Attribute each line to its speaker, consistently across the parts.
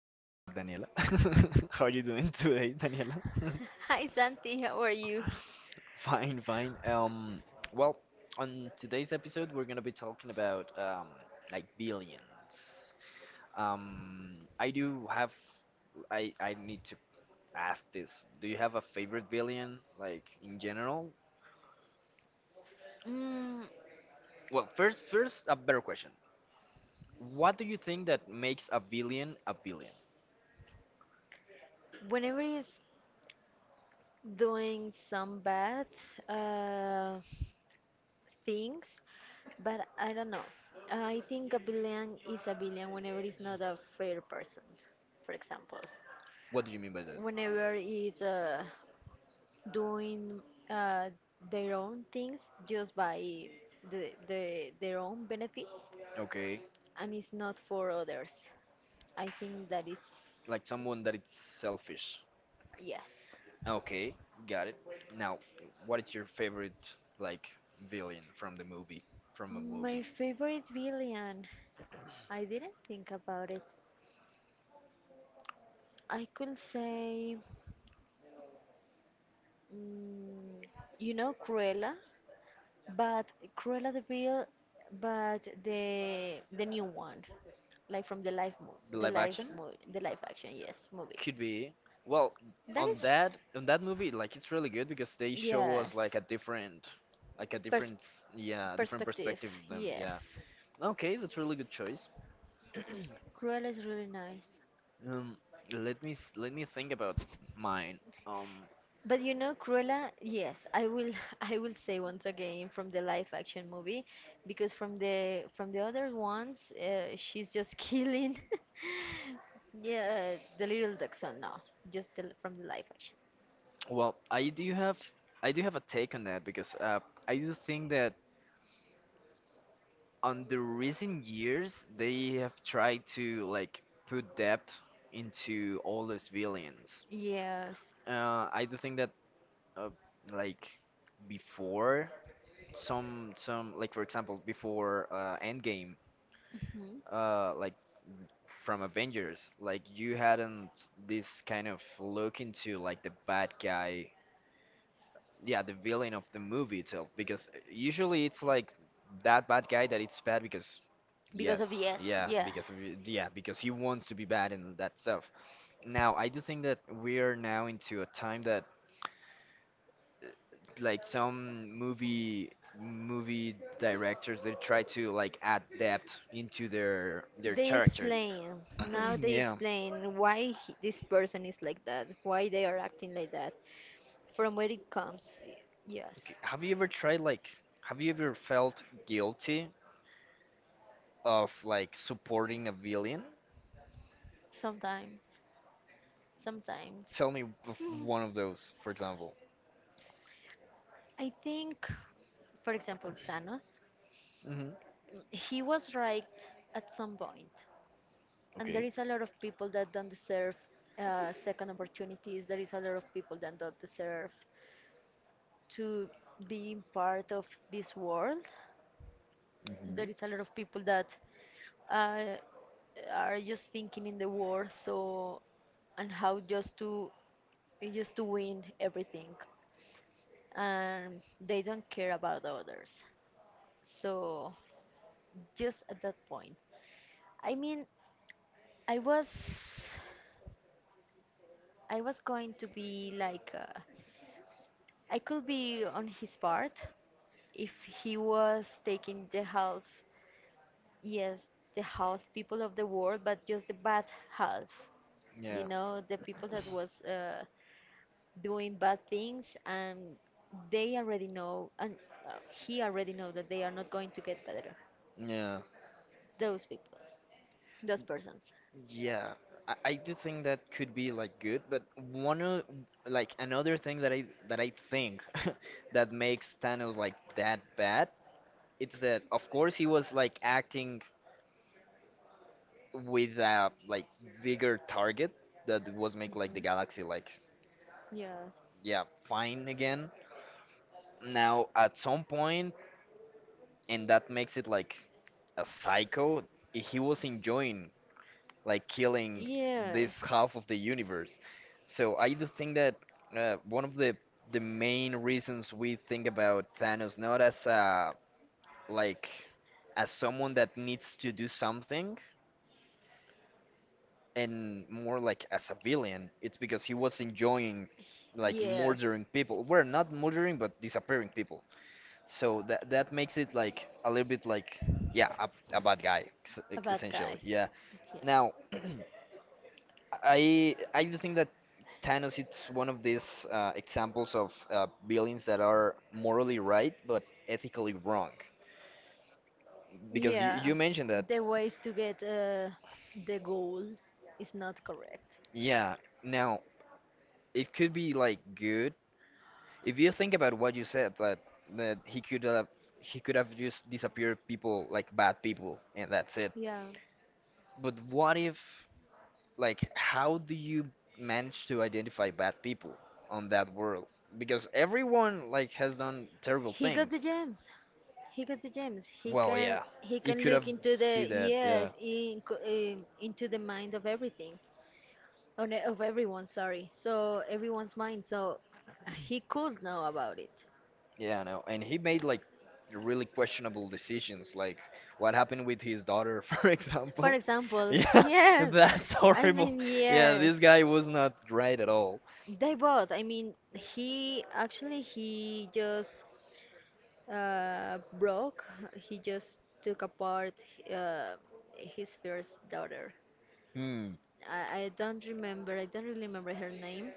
Speaker 1: I'm here with Daniela. How are you doing today, Daniela?
Speaker 2: Hi Santi, how are you?
Speaker 1: Fine, fine. Well, on today's episode, we're gonna be talking about like billions. I do have. I need to ask this. Do you have a favorite billion, like in general?
Speaker 2: Mm,
Speaker 1: Well, first, a better question. What do you think that makes a billion a billion?
Speaker 2: whenever he's doing some bad uh, things, but I don't know. I think a villain is a villain whenever he's not a fair person, for example.
Speaker 1: What do you mean by that?
Speaker 2: Whenever he's doing uh, their own things just by the their own benefits,
Speaker 1: Okay.
Speaker 2: and it's not for others. I think that it's
Speaker 1: Like someone that it's selfish.
Speaker 2: yes.
Speaker 1: Okay, got it. Now, what is your favorite like villain from the movie? From a
Speaker 2: My
Speaker 1: movie,
Speaker 2: favorite villain. I didn't think about it. I could say, mm, you know, Cruella, but Cruella the Vil, but the new one, like from the live movie,
Speaker 1: the live action
Speaker 2: the live action, yes, movie.
Speaker 1: could be. Well,
Speaker 2: That
Speaker 1: on
Speaker 2: is,
Speaker 1: that movie, like it's really good because they show us
Speaker 2: yes,
Speaker 1: like
Speaker 2: pers
Speaker 1: yeah, different
Speaker 2: perspective,
Speaker 1: perspective of them. Yeah.
Speaker 2: yes.
Speaker 1: Okay, that's really good choice.
Speaker 2: Cruella is really nice.
Speaker 1: Um, let me think about mine. Um,
Speaker 2: But you know, Cruella, yes, I will I will say once again from the live action movie because from the other ones, she's just killing yeah, the little dachshund. No, just from the live action.
Speaker 1: I do have a take on that because I do think that on the recent years they have tried to like put depth into all the villains.
Speaker 2: Yes.
Speaker 1: I do think that uh, like before some like for example before Endgame,
Speaker 2: Hmm.
Speaker 1: like from Avengers, like you hadn't this kind of look into like the bad guy, yeah, the villain of the movie itself, because usually it's like that bad guy that it's bad because,
Speaker 2: Because
Speaker 1: yes,
Speaker 2: of yes,
Speaker 1: yeah,
Speaker 2: yeah.
Speaker 1: yeah, because he wants to be bad and that stuff. Now I do think that we are now into a time that like some movie directors they try to like add depth into their
Speaker 2: They
Speaker 1: characters.
Speaker 2: explain. Now they
Speaker 1: Yeah.
Speaker 2: explain why he, this person is like that, why they are acting like that, from where it comes. Yes.
Speaker 1: K- have you ever tried like have you ever felt guilty of like supporting a villain?
Speaker 2: Sometimes. Sometimes.
Speaker 1: Tell me of one of those, for example.
Speaker 2: I think, for example, Thanos,
Speaker 1: Hmm.
Speaker 2: mm, he was right at some point, and there
Speaker 1: Okay.
Speaker 2: is a lot of people that don't deserve second opportunities. There is a lot of people that don't deserve to be part of this world. There
Speaker 1: Hmm.
Speaker 2: is a lot of people that uh, are just thinking in the war, so and how just to win everything, and they don't care about others. So just at that point, I mean, I was, I was going to be like, I could be on his part if he was taking the half, yes, the half people of the world, but just the bad half, you
Speaker 1: Yeah.
Speaker 2: know, the people that was doing bad things, and they already know, and uh, he already know that they are not going to get better.
Speaker 1: Yeah.
Speaker 2: Those people, those persons.
Speaker 1: Yeah. I do think that could be like good, but one of like another thing that I think that makes Thanos like that bad, it's that of course he was like acting with a like bigger target that was make like the
Speaker 2: Mhm.
Speaker 1: galaxy like,
Speaker 2: Yeah.
Speaker 1: yeah, fine again. Now at some point, and that makes it like a psycho, he was enjoying like killing
Speaker 2: Yes.
Speaker 1: this half of the universe. So I do think that one of the main reasons we think about Thanos not as a like as someone that needs to do something and more like as a villain, it's because he was enjoying like
Speaker 2: Yes,
Speaker 1: murdering people. Well, not murdering but disappearing people. So that makes it like a little bit like, yeah, a bad guy
Speaker 2: a bad guy.
Speaker 1: essentially. Yeah.
Speaker 2: Yeah.
Speaker 1: Now, I do think that Thanos is one of these examples of villains that are morally right but ethically wrong. Because you,
Speaker 2: Yeah.
Speaker 1: you mentioned that,
Speaker 2: The ways to get the goal is not correct.
Speaker 1: yeah. Now, it could be like good if you think about what you said that that he could have just disappeared people like bad people and that's it.
Speaker 2: Yeah.
Speaker 1: But what if, like, how do you manage to identify bad people on that world? Because everyone like has done terrible
Speaker 2: He got the
Speaker 1: things.
Speaker 2: gems. He got the gems.
Speaker 1: Well, yeah,
Speaker 2: He
Speaker 1: you
Speaker 2: can
Speaker 1: could have
Speaker 2: look into
Speaker 1: see
Speaker 2: the
Speaker 1: that. Yeah,
Speaker 2: yes, into the mind of everything. Or no, of everyone, sorry. So everyone's mind. So he could know about it.
Speaker 1: yeah, no, and he made like really questionable decisions, like what happened with his daughter, for
Speaker 2: For
Speaker 1: example.
Speaker 2: example,
Speaker 1: Yeah,
Speaker 2: yes.
Speaker 1: that's
Speaker 2: I
Speaker 1: horrible.
Speaker 2: mean,
Speaker 1: Yeah,
Speaker 2: yes.
Speaker 1: this guy was not right at all.
Speaker 2: They both. I mean, he just broke. He just took apart uh his first daughter.
Speaker 1: Hmm.
Speaker 2: I don't remember. I don't really remember her name.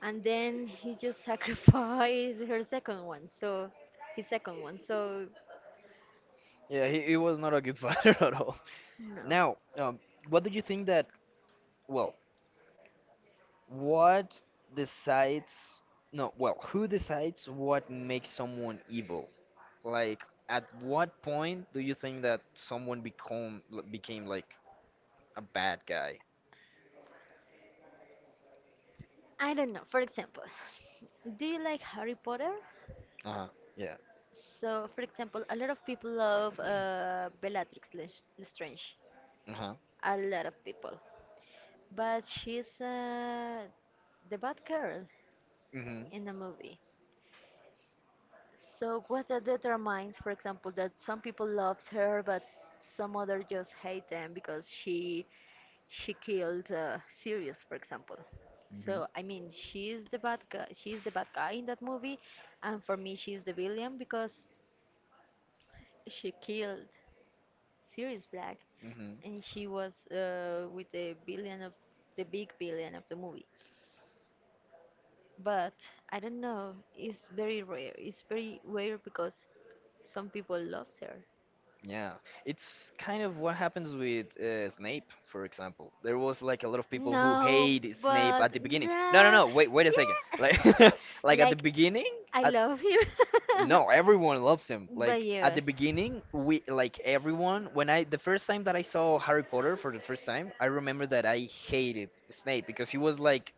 Speaker 2: And then he just sacrificed her second one. His second one. So
Speaker 1: Yeah, he was not a good fighter at all.
Speaker 2: no.
Speaker 1: Now, what do you think that, well, what decides, no, well, who decides what makes someone evil? Like, at what point do you think that someone became like a bad guy?
Speaker 2: I don't know. For example, do you like Harry Potter?
Speaker 1: Uh-huh. Yeah.
Speaker 2: So, for example, a lot of people love Bellatrix Lestrange.
Speaker 1: Uh-huh.
Speaker 2: A lot of people. But she's the bad girl
Speaker 1: Mm-hmm.
Speaker 2: in the movie. So, what that determines, for example, that some people love her, but some other just hate them because she killed Sirius, for example. So,
Speaker 1: Hmm.
Speaker 2: I mean, she's the bad guy. She's the bad guy in that movie, and for me, she's the villain because she killed Sirius Black
Speaker 1: Mm-hmm.
Speaker 2: and she was with the billion of the big billion of the movie. But I don't know, it's very rare. It's very rare because some people love her.
Speaker 1: Yeah. It's kind of what happens with Snape, for example. There was like a lot of people who
Speaker 2: No,
Speaker 1: hate Snape
Speaker 2: but
Speaker 1: at the beginning. No, no,
Speaker 2: no,
Speaker 1: no. Wait, wait a second. Like,
Speaker 2: yeah,
Speaker 1: like at the
Speaker 2: like
Speaker 1: beginning,
Speaker 2: I
Speaker 1: at,
Speaker 2: love him.
Speaker 1: no, everyone loves him.
Speaker 2: But
Speaker 1: Like at the, yes,
Speaker 2: yes,
Speaker 1: beginning, we like everyone. When I the first time that I saw Harry Potter for the first time, I remember that I hated Snape because he was like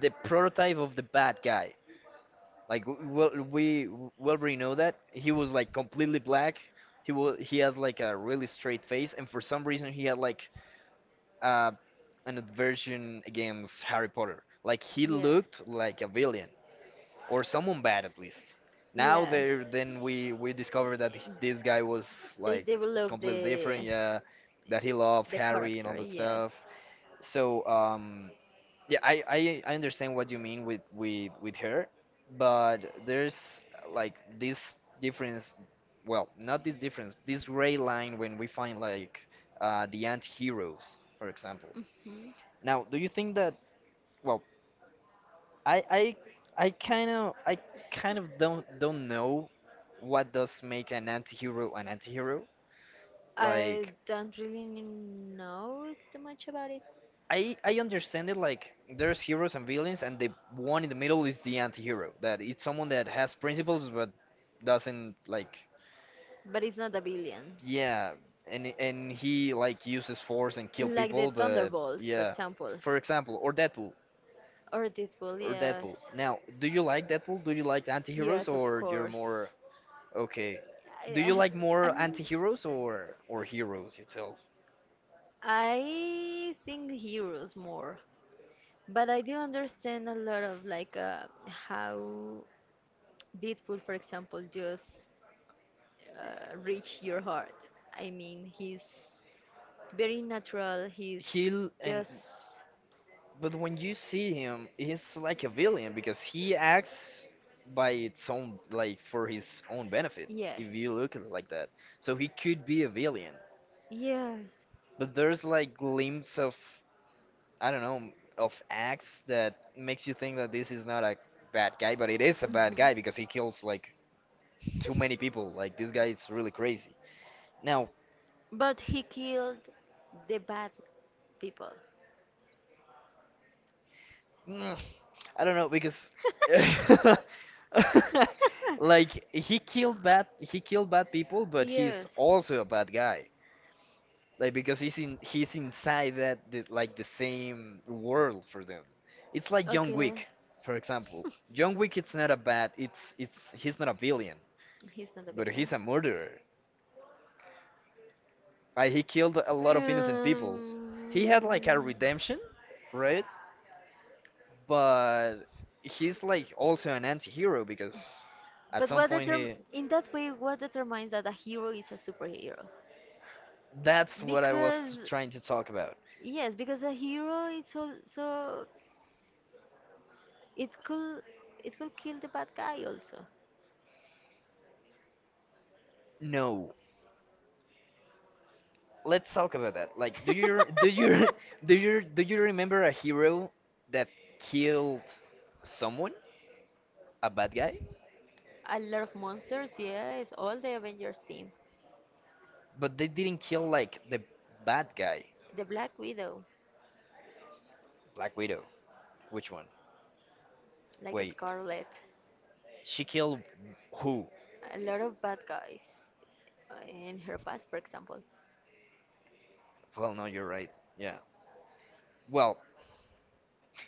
Speaker 1: the prototype of the bad guy. Like well, we know that he was like completely black. He has like a really straight face, and for some reason he had like uh, an aversion against Harry Potter. Like he looked
Speaker 2: yes.
Speaker 1: like a villain or someone bad at least. Now
Speaker 2: Yes.
Speaker 1: then we discover that this guy was
Speaker 2: They
Speaker 1: like
Speaker 2: develop
Speaker 1: completely different.
Speaker 2: the
Speaker 1: Yeah, that he loved
Speaker 2: the
Speaker 1: Harry and all
Speaker 2: character,
Speaker 1: that
Speaker 2: yes.
Speaker 1: stuff. So yeah, I understand what you mean with her, but there's like this difference. Well, not this difference. This gray line when we find like the anti-heroes, for example.
Speaker 2: Hmm.
Speaker 1: Now, do you think that? Well, I I I kind of don't know what does make an anti-hero an anti-hero.
Speaker 2: I
Speaker 1: Like
Speaker 2: don't really know too much about it,
Speaker 1: I understand it like there's heroes and villains, and the one in the middle is the anti-hero. That it's someone that has principles but doesn't like,
Speaker 2: but it's not a villain.
Speaker 1: yeah, and he like uses force and kill
Speaker 2: Like the
Speaker 1: people, but
Speaker 2: Thunderbolts, for
Speaker 1: yeah.
Speaker 2: example,
Speaker 1: For example, or Deadpool
Speaker 2: or Deadpool,
Speaker 1: or
Speaker 2: yes.
Speaker 1: Deadpool. Now, do you like Deadpool? Do you like anti-heroes
Speaker 2: Yes, of
Speaker 1: or you're
Speaker 2: course.
Speaker 1: more, okay. Do you
Speaker 2: I,
Speaker 1: like more
Speaker 2: I'm,
Speaker 1: anti-heroes or heroes itself?
Speaker 2: I think heroes more. But I do understand a lot of like how did food, for example, just reach your heart. I mean, he's very natural. He's
Speaker 1: He'll, and
Speaker 2: just
Speaker 1: but when you see him, he's like a villain because he acts by its own like for his own benefit,
Speaker 2: yes,
Speaker 1: if you look at it like that. So he could be a villain.
Speaker 2: yes.
Speaker 1: But there's like glimpse of, I don't know, of acts that makes you think that this is not a bad guy, but it is a bad
Speaker 2: Mhm.
Speaker 1: guy because he kills like too many people. Like this guy is really crazy. Now,
Speaker 2: But he killed the bad people.
Speaker 1: I don't know because like he killed bad people, but he's
Speaker 2: Yes.
Speaker 1: also a bad guy. Like because he's inside like the same world for them. It's like John
Speaker 2: Okay.
Speaker 1: Wick, for example. John Wick, it's not a bad, it's he's not a villain,
Speaker 2: He's not a
Speaker 1: but
Speaker 2: villain.
Speaker 1: he's a murderer. Like he killed a lot of innocent people. He had like a
Speaker 2: Um,
Speaker 1: redemption, right? But he's like also an anti-hero because at
Speaker 2: But
Speaker 1: some
Speaker 2: what
Speaker 1: point
Speaker 2: determ
Speaker 1: he.
Speaker 2: in that way, what determines that a hero is a superhero?
Speaker 1: That's what I
Speaker 2: Because
Speaker 1: was trying to talk about.
Speaker 2: yes, because a hero is also it could it could kill the bad guy also.
Speaker 1: No, let's talk about that. Like, do you do you remember a hero that killed someone, a bad guy,
Speaker 2: A lot of monsters, yes, all the Avengers team,
Speaker 1: but they didn't kill like the bad guy,
Speaker 2: the Black Widow,
Speaker 1: Black Widow. Which one?
Speaker 2: like
Speaker 1: Wait,
Speaker 2: Scarlet,
Speaker 1: she killed who?
Speaker 2: a lot of bad guys in her past, for example.
Speaker 1: Well, no, you're right. Yeah. Well,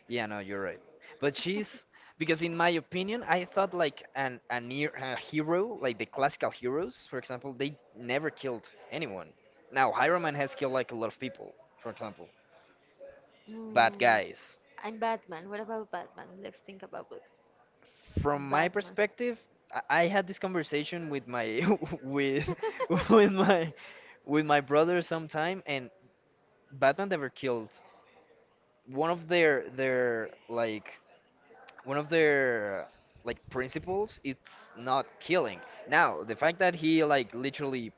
Speaker 1: yeah, no, you're right. But she's because in my opinion, I thought like an a near a hero, like the classical heroes, for example, they never killed anyone. Now, Iron Man has killed like a lot of people, for example, bad
Speaker 2: Mm,
Speaker 1: guys.
Speaker 2: am Batman. What about Batman? Let's think about it.
Speaker 1: From my
Speaker 2: Batman.
Speaker 1: perspective, I had this conversation with my with with my with my brother sometime, and Batman never killed, one of their their like one of their like principles, it's not killing. Now the fact that he like literally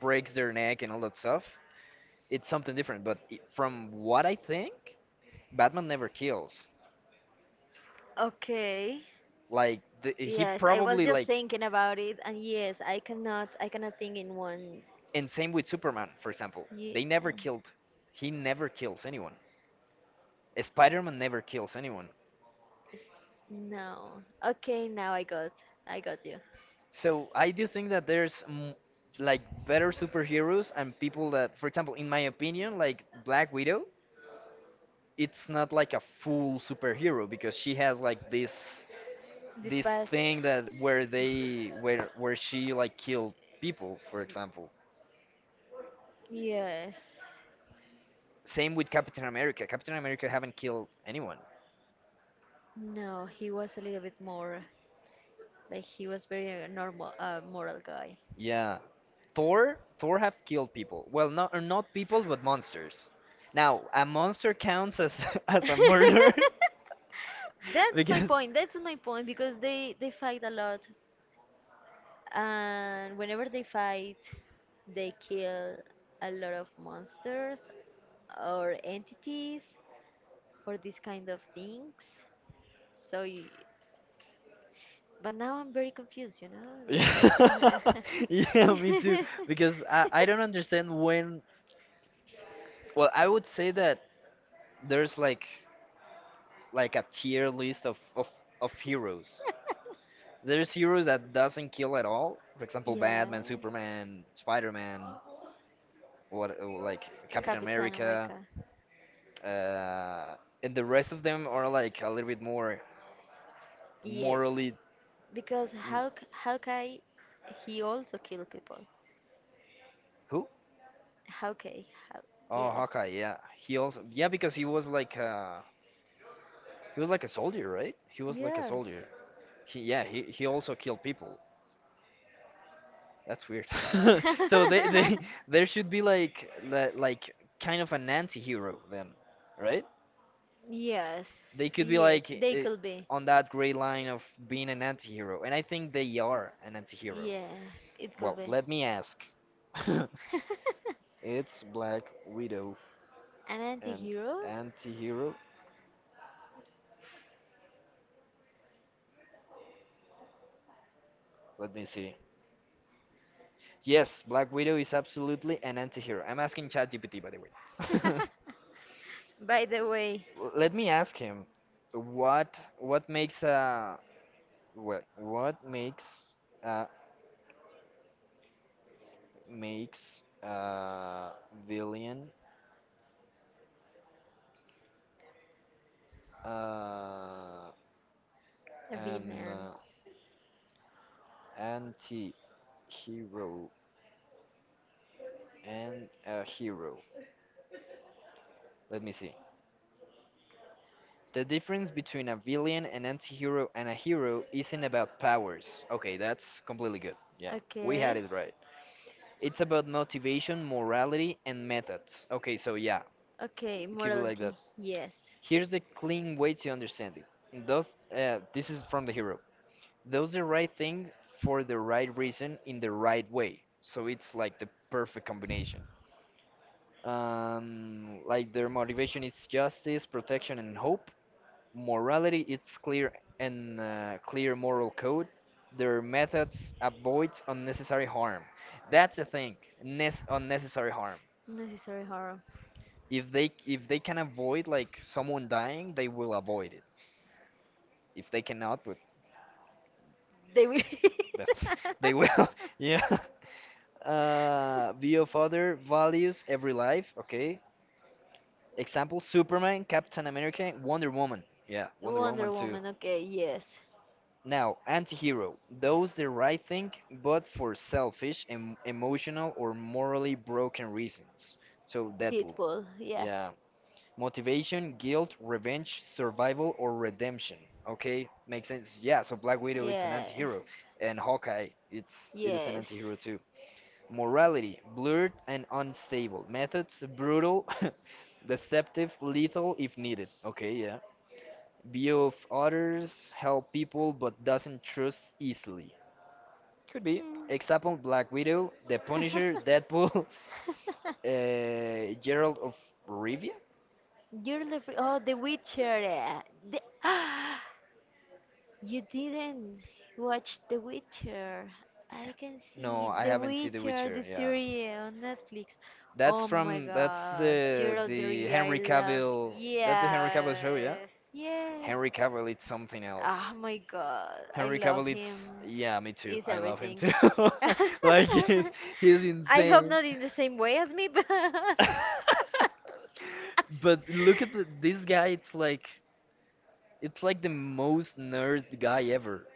Speaker 1: breaks their neck and all that stuff, it's something different. But from what I think, Batman never kills,
Speaker 2: Okay.
Speaker 1: he
Speaker 2: Yes, I was
Speaker 1: probably
Speaker 2: just
Speaker 1: like,
Speaker 2: thinking about it, and yes, I cannot think in one.
Speaker 1: and same with Superman, for example, they
Speaker 2: Ye-
Speaker 1: never
Speaker 2: uh,
Speaker 1: killed he never kills anyone. Spider-Man never kills anyone.
Speaker 2: it's- no. Okay, I got you.
Speaker 1: So I do think that there's like better superheroes and people that for example, in my opinion, like Black Widow, it's not like a full superhero because she has like this
Speaker 2: This
Speaker 1: this
Speaker 2: past,
Speaker 1: thing, that where they where she like killed people, for example.
Speaker 2: yes.
Speaker 1: Same with Captain America haven't killed anyone.
Speaker 2: No, he was a little bit more. Like he was very a normal, moral guy.
Speaker 1: Yeah, Thor have killed people, well, not people but monsters. Now a monster counts as as a murder,
Speaker 2: That's my
Speaker 1: because,
Speaker 2: point. That's my point because they fight a lot, and whenever they fight, they kill a lot of monsters or entities or these kind of things. So, you, but now I'm very confused. You know,
Speaker 1: yeah,
Speaker 2: like
Speaker 1: yeah, me too. Because I don't understand when well, I would say that there's like a tier list of heroes. There's heroes that doesn't kill at all. For example,
Speaker 2: yeah,
Speaker 1: Batman, Superman, Spider-Man, what like Captain
Speaker 2: Captain
Speaker 1: America,
Speaker 2: America.
Speaker 1: uh, and the rest of them are like a little bit more
Speaker 2: Yes,
Speaker 1: morally.
Speaker 2: because
Speaker 1: n-
Speaker 2: Hulk, Hawkeye, he also kill people.
Speaker 1: Who?
Speaker 2: Hawkeye, Haw-
Speaker 1: Oh,
Speaker 2: yes,
Speaker 1: Hawkeye. Yeah, he also, yeah, because he was like a soldier, right? He was like a
Speaker 2: yes,
Speaker 1: soldier. He, yeah, he also killed people. That's weird. So they there should be like that like kind of an anti-hero then, right?
Speaker 2: yes,
Speaker 1: They could be
Speaker 2: yes.
Speaker 1: like,
Speaker 2: They could be.
Speaker 1: on that gray line of being an anti-hero, and I think they are an anti-hero.
Speaker 2: Yeah, it could
Speaker 1: Well,
Speaker 2: be.
Speaker 1: let me ask. It's Black Widow,
Speaker 2: An
Speaker 1: an
Speaker 2: anti-hero?
Speaker 1: anti-hero. Let me see. Yes, Black Widow is absolutely an anti-hero. I'm asking ChatGPT, by the way.
Speaker 2: By the way,
Speaker 1: Let me ask him. What makes a well, what makes uh, makes villain, uh,
Speaker 2: a
Speaker 1: an,
Speaker 2: villain.
Speaker 1: anti-hero and a hero? Let me see. The difference between a villain, an anti-hero, and a hero isn't about powers. Okay, that's completely good. Yeah, we
Speaker 2: Okay,
Speaker 1: had it right. It's about motivation, morality, and methods. Okay, so yeah,
Speaker 2: okay.
Speaker 1: keep it like that.
Speaker 2: Morality, yes.
Speaker 1: Here's the clean way to understand it. This is from the hero, does the right thing for the right reason in the right way. So it's like the perfect combination. Like their motivation is justice, protection, and hope. Morality, it's clear and clear moral code. Their methods avoid unnecessary harm. That's the thing, unnecessary harm.
Speaker 2: Necessary horror.
Speaker 1: If they can avoid like someone dying, they will avoid it. If they cannot, but
Speaker 2: They will.
Speaker 1: that's, they will. Yeah. View of other values every life. Okay. Example: Superman, Captain America, Wonder Woman. Yeah, Wonder
Speaker 2: Wonder
Speaker 1: Woman too.
Speaker 2: Woman, okay, yes.
Speaker 1: Now, anti-hero. Those the right thing, but for selfish, emotional, or morally broken reasons. So Deadpool.
Speaker 2: Deadpool, yes.
Speaker 1: Yeah. Motivation, guilt, revenge, survival, or redemption. Okay, makes sense. Yeah. So Black Widow, it's an
Speaker 2: Yes.
Speaker 1: anti-hero, and Hawkeye, it is an
Speaker 2: Yes.
Speaker 1: anti-hero. Morality, blurred and unstable. Methods, brutal, deceptive, lethal if needed. Okay, yeah. View of others, help people but doesn't trust easily. Could
Speaker 2: Mm.
Speaker 1: be. Example Black Widow, The Punisher, Deadpool, Gerald of Rivia?
Speaker 2: You're the oh, The Witcher. Eh. The, You didn't watch The Witcher. I can
Speaker 1: No,
Speaker 2: see
Speaker 1: I
Speaker 2: The
Speaker 1: haven't seen The
Speaker 2: Witcher, the
Speaker 1: Witcher, yeah.
Speaker 2: series on Netflix.
Speaker 1: That's
Speaker 2: Oh my
Speaker 1: from that's
Speaker 2: god, Gerald de
Speaker 1: the
Speaker 2: Rivia, I
Speaker 1: Henry
Speaker 2: love.
Speaker 1: Cavill, that's the Henry Cavill show, yeah?
Speaker 2: Yes, yes.
Speaker 1: Henry Cavill it's something else.
Speaker 2: Oh my god, I
Speaker 1: Henry
Speaker 2: love
Speaker 1: Cavill, it's
Speaker 2: him.
Speaker 1: yeah, me too.
Speaker 2: He's
Speaker 1: I love him
Speaker 2: everything.
Speaker 1: too. Like he's
Speaker 2: I hope
Speaker 1: insane.
Speaker 2: not in the same way as me, but
Speaker 1: But look at this guy. It's like the most nerd guy ever.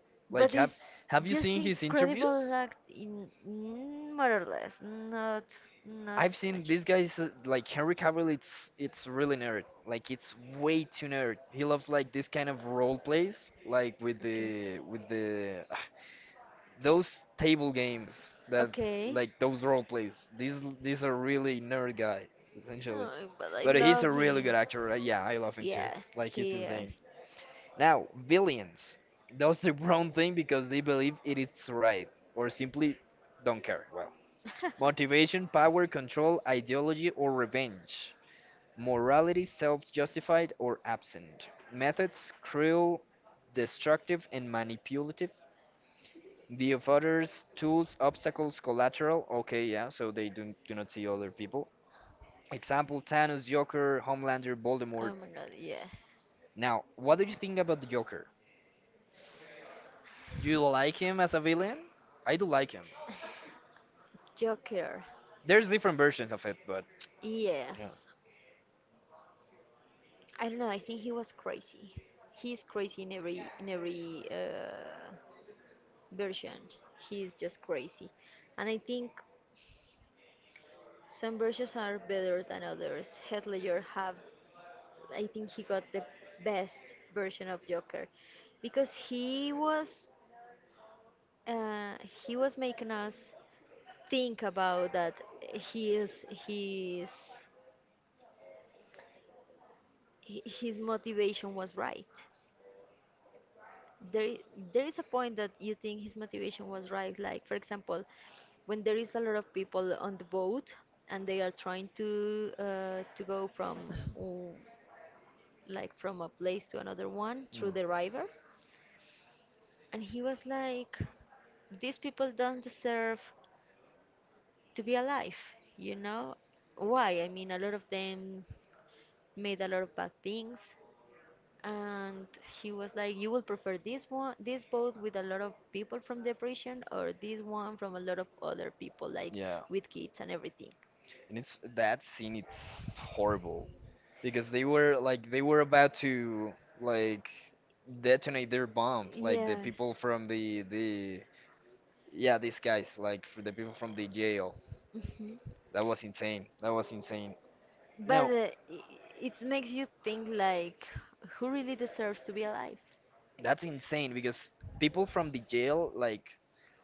Speaker 1: Like
Speaker 2: but
Speaker 1: have
Speaker 2: it's
Speaker 1: have you
Speaker 2: just
Speaker 1: seen his
Speaker 2: incredible
Speaker 1: interviews?
Speaker 2: act in mm, more or less, not not
Speaker 1: I've
Speaker 2: too
Speaker 1: seen
Speaker 2: much.
Speaker 1: this guy's like Henry Cavill. It's really nerd. Like it's way too nerd. He loves like this kind of role plays, like with
Speaker 2: Okay.
Speaker 1: the those
Speaker 2: the,
Speaker 1: table games that
Speaker 2: Okay.
Speaker 1: like those role plays. These are really nerd guy essentially,
Speaker 2: Oh, but I
Speaker 1: but he's
Speaker 2: love
Speaker 1: a really
Speaker 2: him.
Speaker 1: good actor. Yeah, I love him too.
Speaker 2: Yeah, yes,
Speaker 1: Like he's
Speaker 2: he is.
Speaker 1: insane. Now villains those the wrong thing because they believe it is right or simply don't care. Well, motivation, power, control, ideology, or revenge. Morality, self-justified or absent. Methods, cruel, destructive, and manipulative the of others, tools, obstacles, collateral. Okay, yeah, so they do not see other people. Example Thanos, Joker, Homelander,
Speaker 2: Oh
Speaker 1: Voldemort.
Speaker 2: Voldemort. My god, yes.
Speaker 1: Now, what do you think about the Joker? Do you like him as a villain? I do like him.
Speaker 2: Joker.
Speaker 1: There's different versions of it, but yeah.
Speaker 2: Yes. I don't know, I think he was crazy. He's crazy in every version. He's just crazy. And I think some versions are better than others. Heath Ledger have, I think he got the best version of Joker because uh, he was making us think about that his his his motivation was right. There i- there is a point that you think his motivation was right. Like for example, when there is a lot of people on the boat and they are trying to go from like from a place to another one through
Speaker 1: Mm.
Speaker 2: the river. And he was like, these people don't deserve to be alive, you know? Why? I mean, a lot of them made a lot of bad things. And he was like, you will prefer this one, this boat with a lot of people from the prison, or this one from a lot of other people, like
Speaker 1: Yeah.
Speaker 2: with kids and everything.
Speaker 1: And it's that scene it's horrible because they were like they were about to like detonate their bomb, like the
Speaker 2: Yes.
Speaker 1: people from the yeah, these guys, like for the people from the jail.
Speaker 2: Mhm.
Speaker 1: That was insane. That was insane.
Speaker 2: But
Speaker 1: Now,
Speaker 2: it makes you think like, who really deserves to be alive?
Speaker 1: that's insane because people from the jail, like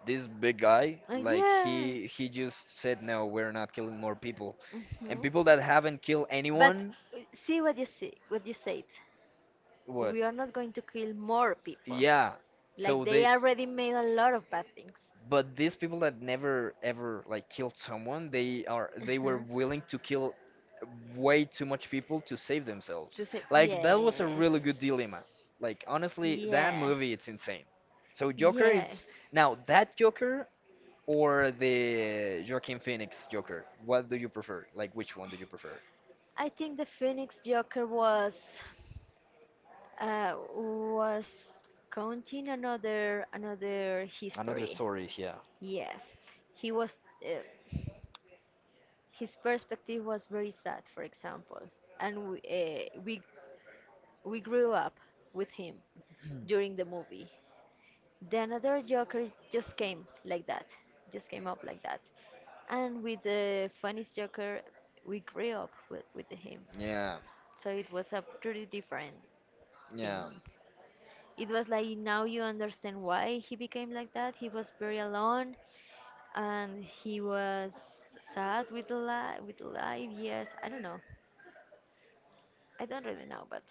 Speaker 1: this big guy, like
Speaker 2: Yes.
Speaker 1: he just said, "No, we're not killing more people." And
Speaker 2: Mhm.
Speaker 1: people that haven't killed
Speaker 2: But
Speaker 1: anyone,
Speaker 2: see what you said.
Speaker 1: what?
Speaker 2: We are not going to kill more people.
Speaker 1: Yeah.
Speaker 2: Like
Speaker 1: So
Speaker 2: they
Speaker 1: they,
Speaker 2: already made a lot of bad things.
Speaker 1: but these people that never ever like killed someone, they were
Speaker 2: Uh-huh.
Speaker 1: willing to kill way too much people to save
Speaker 2: To
Speaker 1: themselves.
Speaker 2: say
Speaker 1: Like that was a really good
Speaker 2: yes,
Speaker 1: dilemma. Like honestly, that movie it's
Speaker 2: yes,
Speaker 1: insane. So Joker
Speaker 2: yes.
Speaker 1: is now that Joker or the Joaquin Phoenix Joker. What do you prefer? Like which one do you prefer?
Speaker 2: I think the Phoenix Joker was uh, was counting another
Speaker 1: Another
Speaker 2: history.
Speaker 1: story, yeah.
Speaker 2: Yes, he was. Uh, his perspective was very sad, for example, and we we grew up with him during the movie. The another Joker just came like that, just came up like that, and with the funniest Joker, we grew up with him.
Speaker 1: Yeah,
Speaker 2: So it was a pretty different thing.
Speaker 1: yeah.
Speaker 2: It was like now you understand why he became like that. He was very alone and he was sad with the life. With life, yes. I don't know. I don't really know, but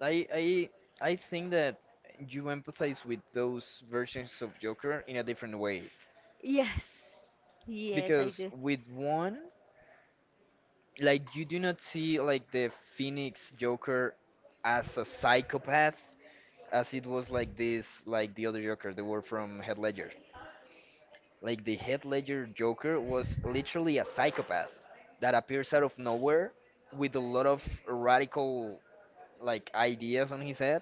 Speaker 1: I I I think that you empathize with those versions of Joker in a different way
Speaker 2: yes, yes, I
Speaker 1: because
Speaker 2: do.
Speaker 1: with one, like you do not see like the Phoenix Joker as a psychopath as it was like this like the other Joker, the one from Head Ledger. Like the Head Ledger Joker was literally a psychopath that appears out of nowhere with a lot of radical like ideas on his head.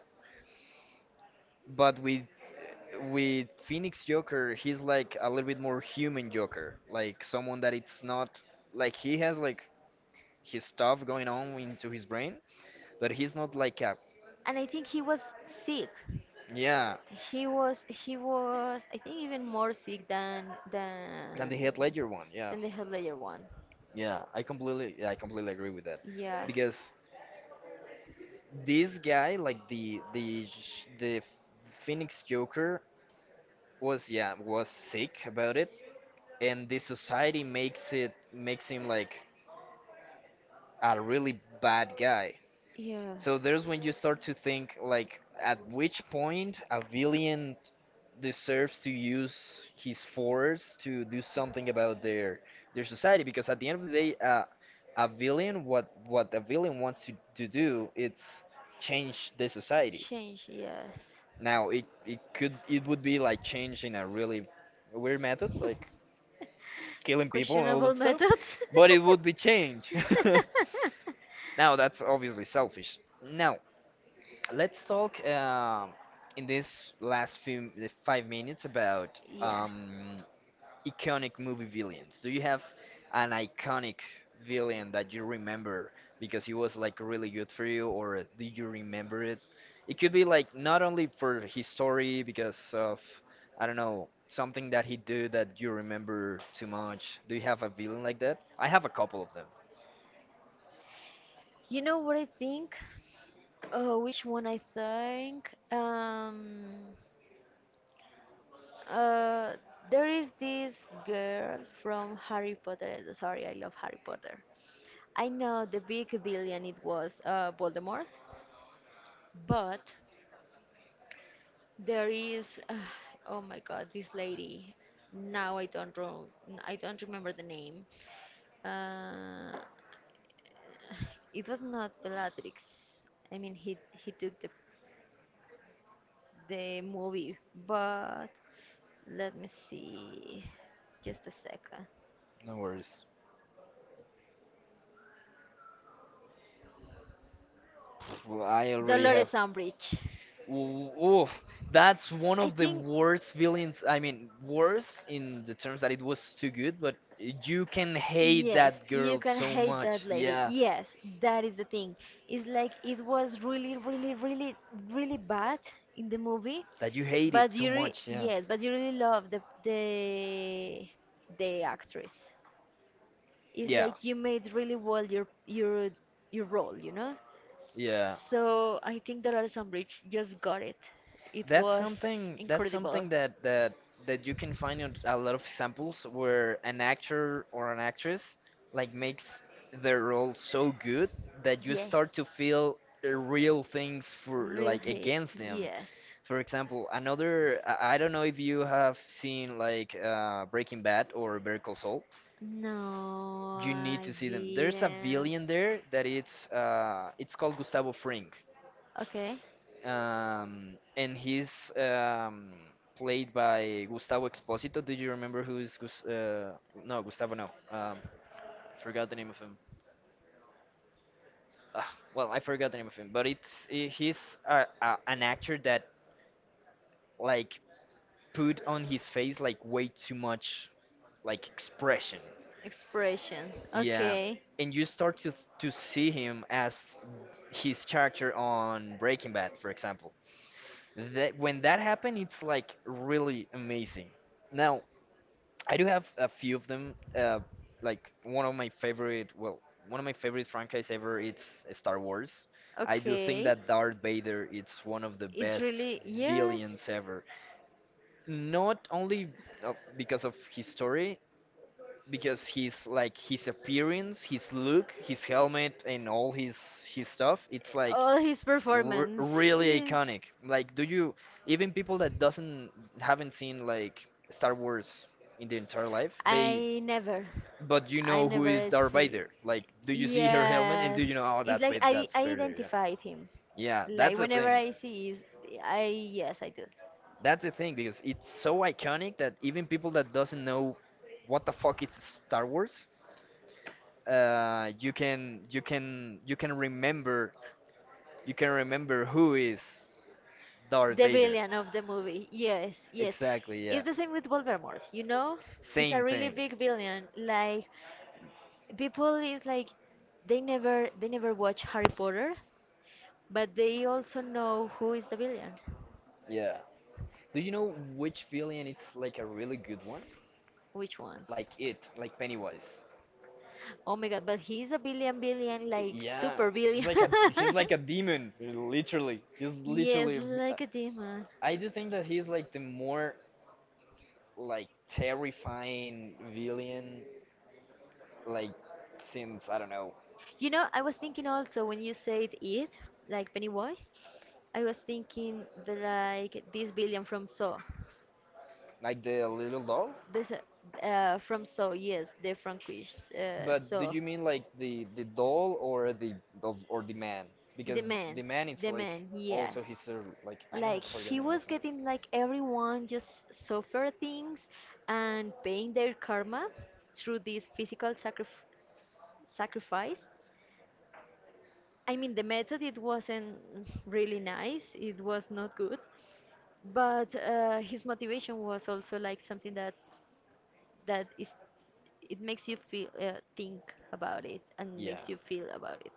Speaker 1: But with Phoenix Joker, he's like a little bit more human Joker, like someone that it's not like he has like his stuff going on into his brain, but he's not like a
Speaker 2: And I think he was sick.
Speaker 1: yeah.
Speaker 2: He was I think even more sick than
Speaker 1: And the
Speaker 2: than
Speaker 1: Heath Ledger one, yeah,
Speaker 2: than the Head Ledger one.
Speaker 1: yeah, I completely agree with that,
Speaker 2: Yes,
Speaker 1: because this guy, like the Phoenix Joker, was yeah was sick about it, and the society makes it makes him like a really bad guy.
Speaker 2: yes.
Speaker 1: So there's when you start to think like at which point a villain deserves to use his force to do something about their society because at the end of the day a villain what a villain wants to do it's change the society.
Speaker 2: Change, yes.
Speaker 1: Now it could it would be like change in a really weird method like killing people and all
Speaker 2: Questionable
Speaker 1: that stuff
Speaker 2: methods.
Speaker 1: but it would be change. Now that's obviously selfish. Now let's talk in this last few the 5 minutes about
Speaker 2: Yeah.
Speaker 1: iconic movie villains. Do you have an iconic villain that you remember because he was like really good for you, or do you remember it? It could be like not only for his story because of I don't know something that he did that you remember too much. Do you have a villain like that? I have a couple of them.
Speaker 2: You know what I think? Oh, which one I think? Uh, there is this girl from Harry Potter. Sorry, I love Harry Potter. I know the big villain it was Voldemort, but there is, oh my God, this lady. Now I don't know, I don't remember the name. Uh, it was not Bellatrix. I mean, he took the movie, but let me see, just a second.
Speaker 1: No worries. Pff, well, I already have.
Speaker 2: Dolores Umbridge.
Speaker 1: Ooh, oof, that's one
Speaker 2: I
Speaker 1: of the
Speaker 2: think.
Speaker 1: worst villains. I mean, worst in the terms that it was too good, but you can hate
Speaker 2: Yes,
Speaker 1: that
Speaker 2: you
Speaker 1: girl
Speaker 2: can
Speaker 1: so
Speaker 2: hate that
Speaker 1: much.
Speaker 2: lady.
Speaker 1: Yeah,
Speaker 2: Yes, that is the thing. It's like it was really, really, really, really bad in the movie,
Speaker 1: that you hate it
Speaker 2: but
Speaker 1: so
Speaker 2: you re
Speaker 1: much. Yeah,
Speaker 2: yes, but you really love the the actress. It's yeah
Speaker 1: yeah,
Speaker 2: like you made really well your your role, you know?
Speaker 1: yeah.
Speaker 2: So I think that Alison Bridge just got it. It
Speaker 1: That's
Speaker 2: was
Speaker 1: something. That's
Speaker 2: incredible.
Speaker 1: something that you can find on a lot of examples where an actor or an actress like makes their role so good that you
Speaker 2: Yes.
Speaker 1: start to feel real things for
Speaker 2: Real
Speaker 1: like
Speaker 2: hate.
Speaker 1: against them.
Speaker 2: Yes.
Speaker 1: For example, another, I don't know if you have seen like Breaking Bad or Better Call Saul.
Speaker 2: No,
Speaker 1: You need
Speaker 2: I
Speaker 1: to see them. There's a
Speaker 2: didn't.
Speaker 1: villain there that it's called Gustavo Fring,
Speaker 2: Okay.
Speaker 1: and he's played by Gustavo Exposito. Do you remember who's Gus? No, Gustavo. No, forgot the name of him. Ah well, I forgot the name of him, but it's he's an actor that like put on his face like way too much like expression.
Speaker 2: Expression.
Speaker 1: Yeah,
Speaker 2: Okay.
Speaker 1: and you start to see him as his character on Breaking Bad, for example. That when that happened, it's like really amazing. Now, I do have a few of them. Like one of my favorite, well, one of my favorite franchise ever. It's Star Wars. I do think
Speaker 2: Okay.
Speaker 1: that Darth Vader is one of the
Speaker 2: It's
Speaker 1: best
Speaker 2: really yes.
Speaker 1: villains ever, not only of, because of his story, because his like his appearance, his look, his helmet, and all his stuff. It's like
Speaker 2: All his performance.
Speaker 1: really
Speaker 2: Yeah.
Speaker 1: iconic. Like, do you even people that doesn't haven't seen like Star Wars in their entire life, they
Speaker 2: I never.
Speaker 1: but you
Speaker 2: I
Speaker 1: know who is
Speaker 2: never
Speaker 1: Darth
Speaker 2: see.
Speaker 1: Vader. Like, do you see her helmet and do
Speaker 2: Yes,
Speaker 1: you know, oh,
Speaker 2: it's like I
Speaker 1: That's
Speaker 2: I
Speaker 1: Vader, yeah.
Speaker 2: identified him.
Speaker 1: Yeah,
Speaker 2: Like
Speaker 1: that's the
Speaker 2: whenever
Speaker 1: thing.
Speaker 2: I see, is I yes I do.
Speaker 1: That's the thing because it's so iconic that even people that doesn't know what the fuck is Star Wars, you can you can remember, you can remember who is Darth
Speaker 2: The
Speaker 1: Vader.
Speaker 2: villain of the movie. Yes, yes.
Speaker 1: Exactly, yeah.
Speaker 2: It's the same with Voldemort. You know, it's a
Speaker 1: Same
Speaker 2: really
Speaker 1: thing.
Speaker 2: big villain. Like people is like they never watch Harry Potter, but they also know who is the villain,
Speaker 1: Yeah. Do you know which villain it's like a really good one?
Speaker 2: which one.
Speaker 1: Like it, like Pennywise.
Speaker 2: Oh my god, but he's a billion billion like
Speaker 1: Yeah,
Speaker 2: super billion.
Speaker 1: he's like a demon, literally. He's
Speaker 2: Yes,
Speaker 1: literally a
Speaker 2: like a demon.
Speaker 1: I do think that he's like the more like terrifying villain, like since I don't know,
Speaker 2: You know, I was thinking also when you said it, like Pennywise, I was thinking the like this Billion from Saw.
Speaker 1: like the little doll.
Speaker 2: This from Saw, yes, the Frankish
Speaker 1: But do
Speaker 2: Saw.
Speaker 1: you mean like the doll or the of or the man?
Speaker 2: The
Speaker 1: Because the
Speaker 2: man,
Speaker 1: man it's
Speaker 2: the
Speaker 1: like
Speaker 2: man,
Speaker 1: also
Speaker 2: yes.
Speaker 1: his sort like I don't
Speaker 2: Like
Speaker 1: forget
Speaker 2: he
Speaker 1: the name
Speaker 2: was
Speaker 1: of him.
Speaker 2: getting like everyone just suffer things and paying their karma through this physical sacrifice. I mean, the method it wasn't really nice. It was not good, but his motivation was also like something that that is it makes you feel think about it and
Speaker 1: Yeah,
Speaker 2: makes you feel about it.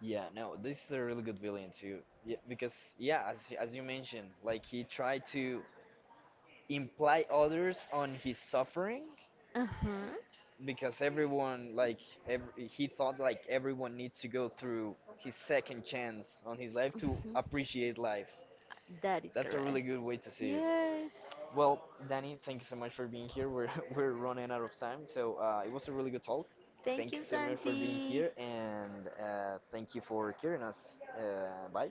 Speaker 1: yeah, no, this is a really good villain too. Yeah, because yeah, as as you mentioned, like he tried to imply others on his suffering,
Speaker 2: Uh huh.
Speaker 1: because everyone like every, he thought like everyone needs to go through his second chance on his life to appreciate life.
Speaker 2: That is
Speaker 1: That's a
Speaker 2: correct.
Speaker 1: really good way to see it.
Speaker 2: Yes.
Speaker 1: Well, Danny, thank you so much for being here. We're we're running out of time, so it was a really good talk.
Speaker 2: Thank
Speaker 1: Thank you
Speaker 2: you,
Speaker 1: so much for being
Speaker 2: Santi.
Speaker 1: here, and thank you for hearing us. Bye.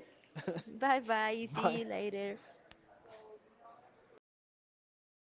Speaker 2: Bye bye. See
Speaker 1: Bye.
Speaker 2: you later.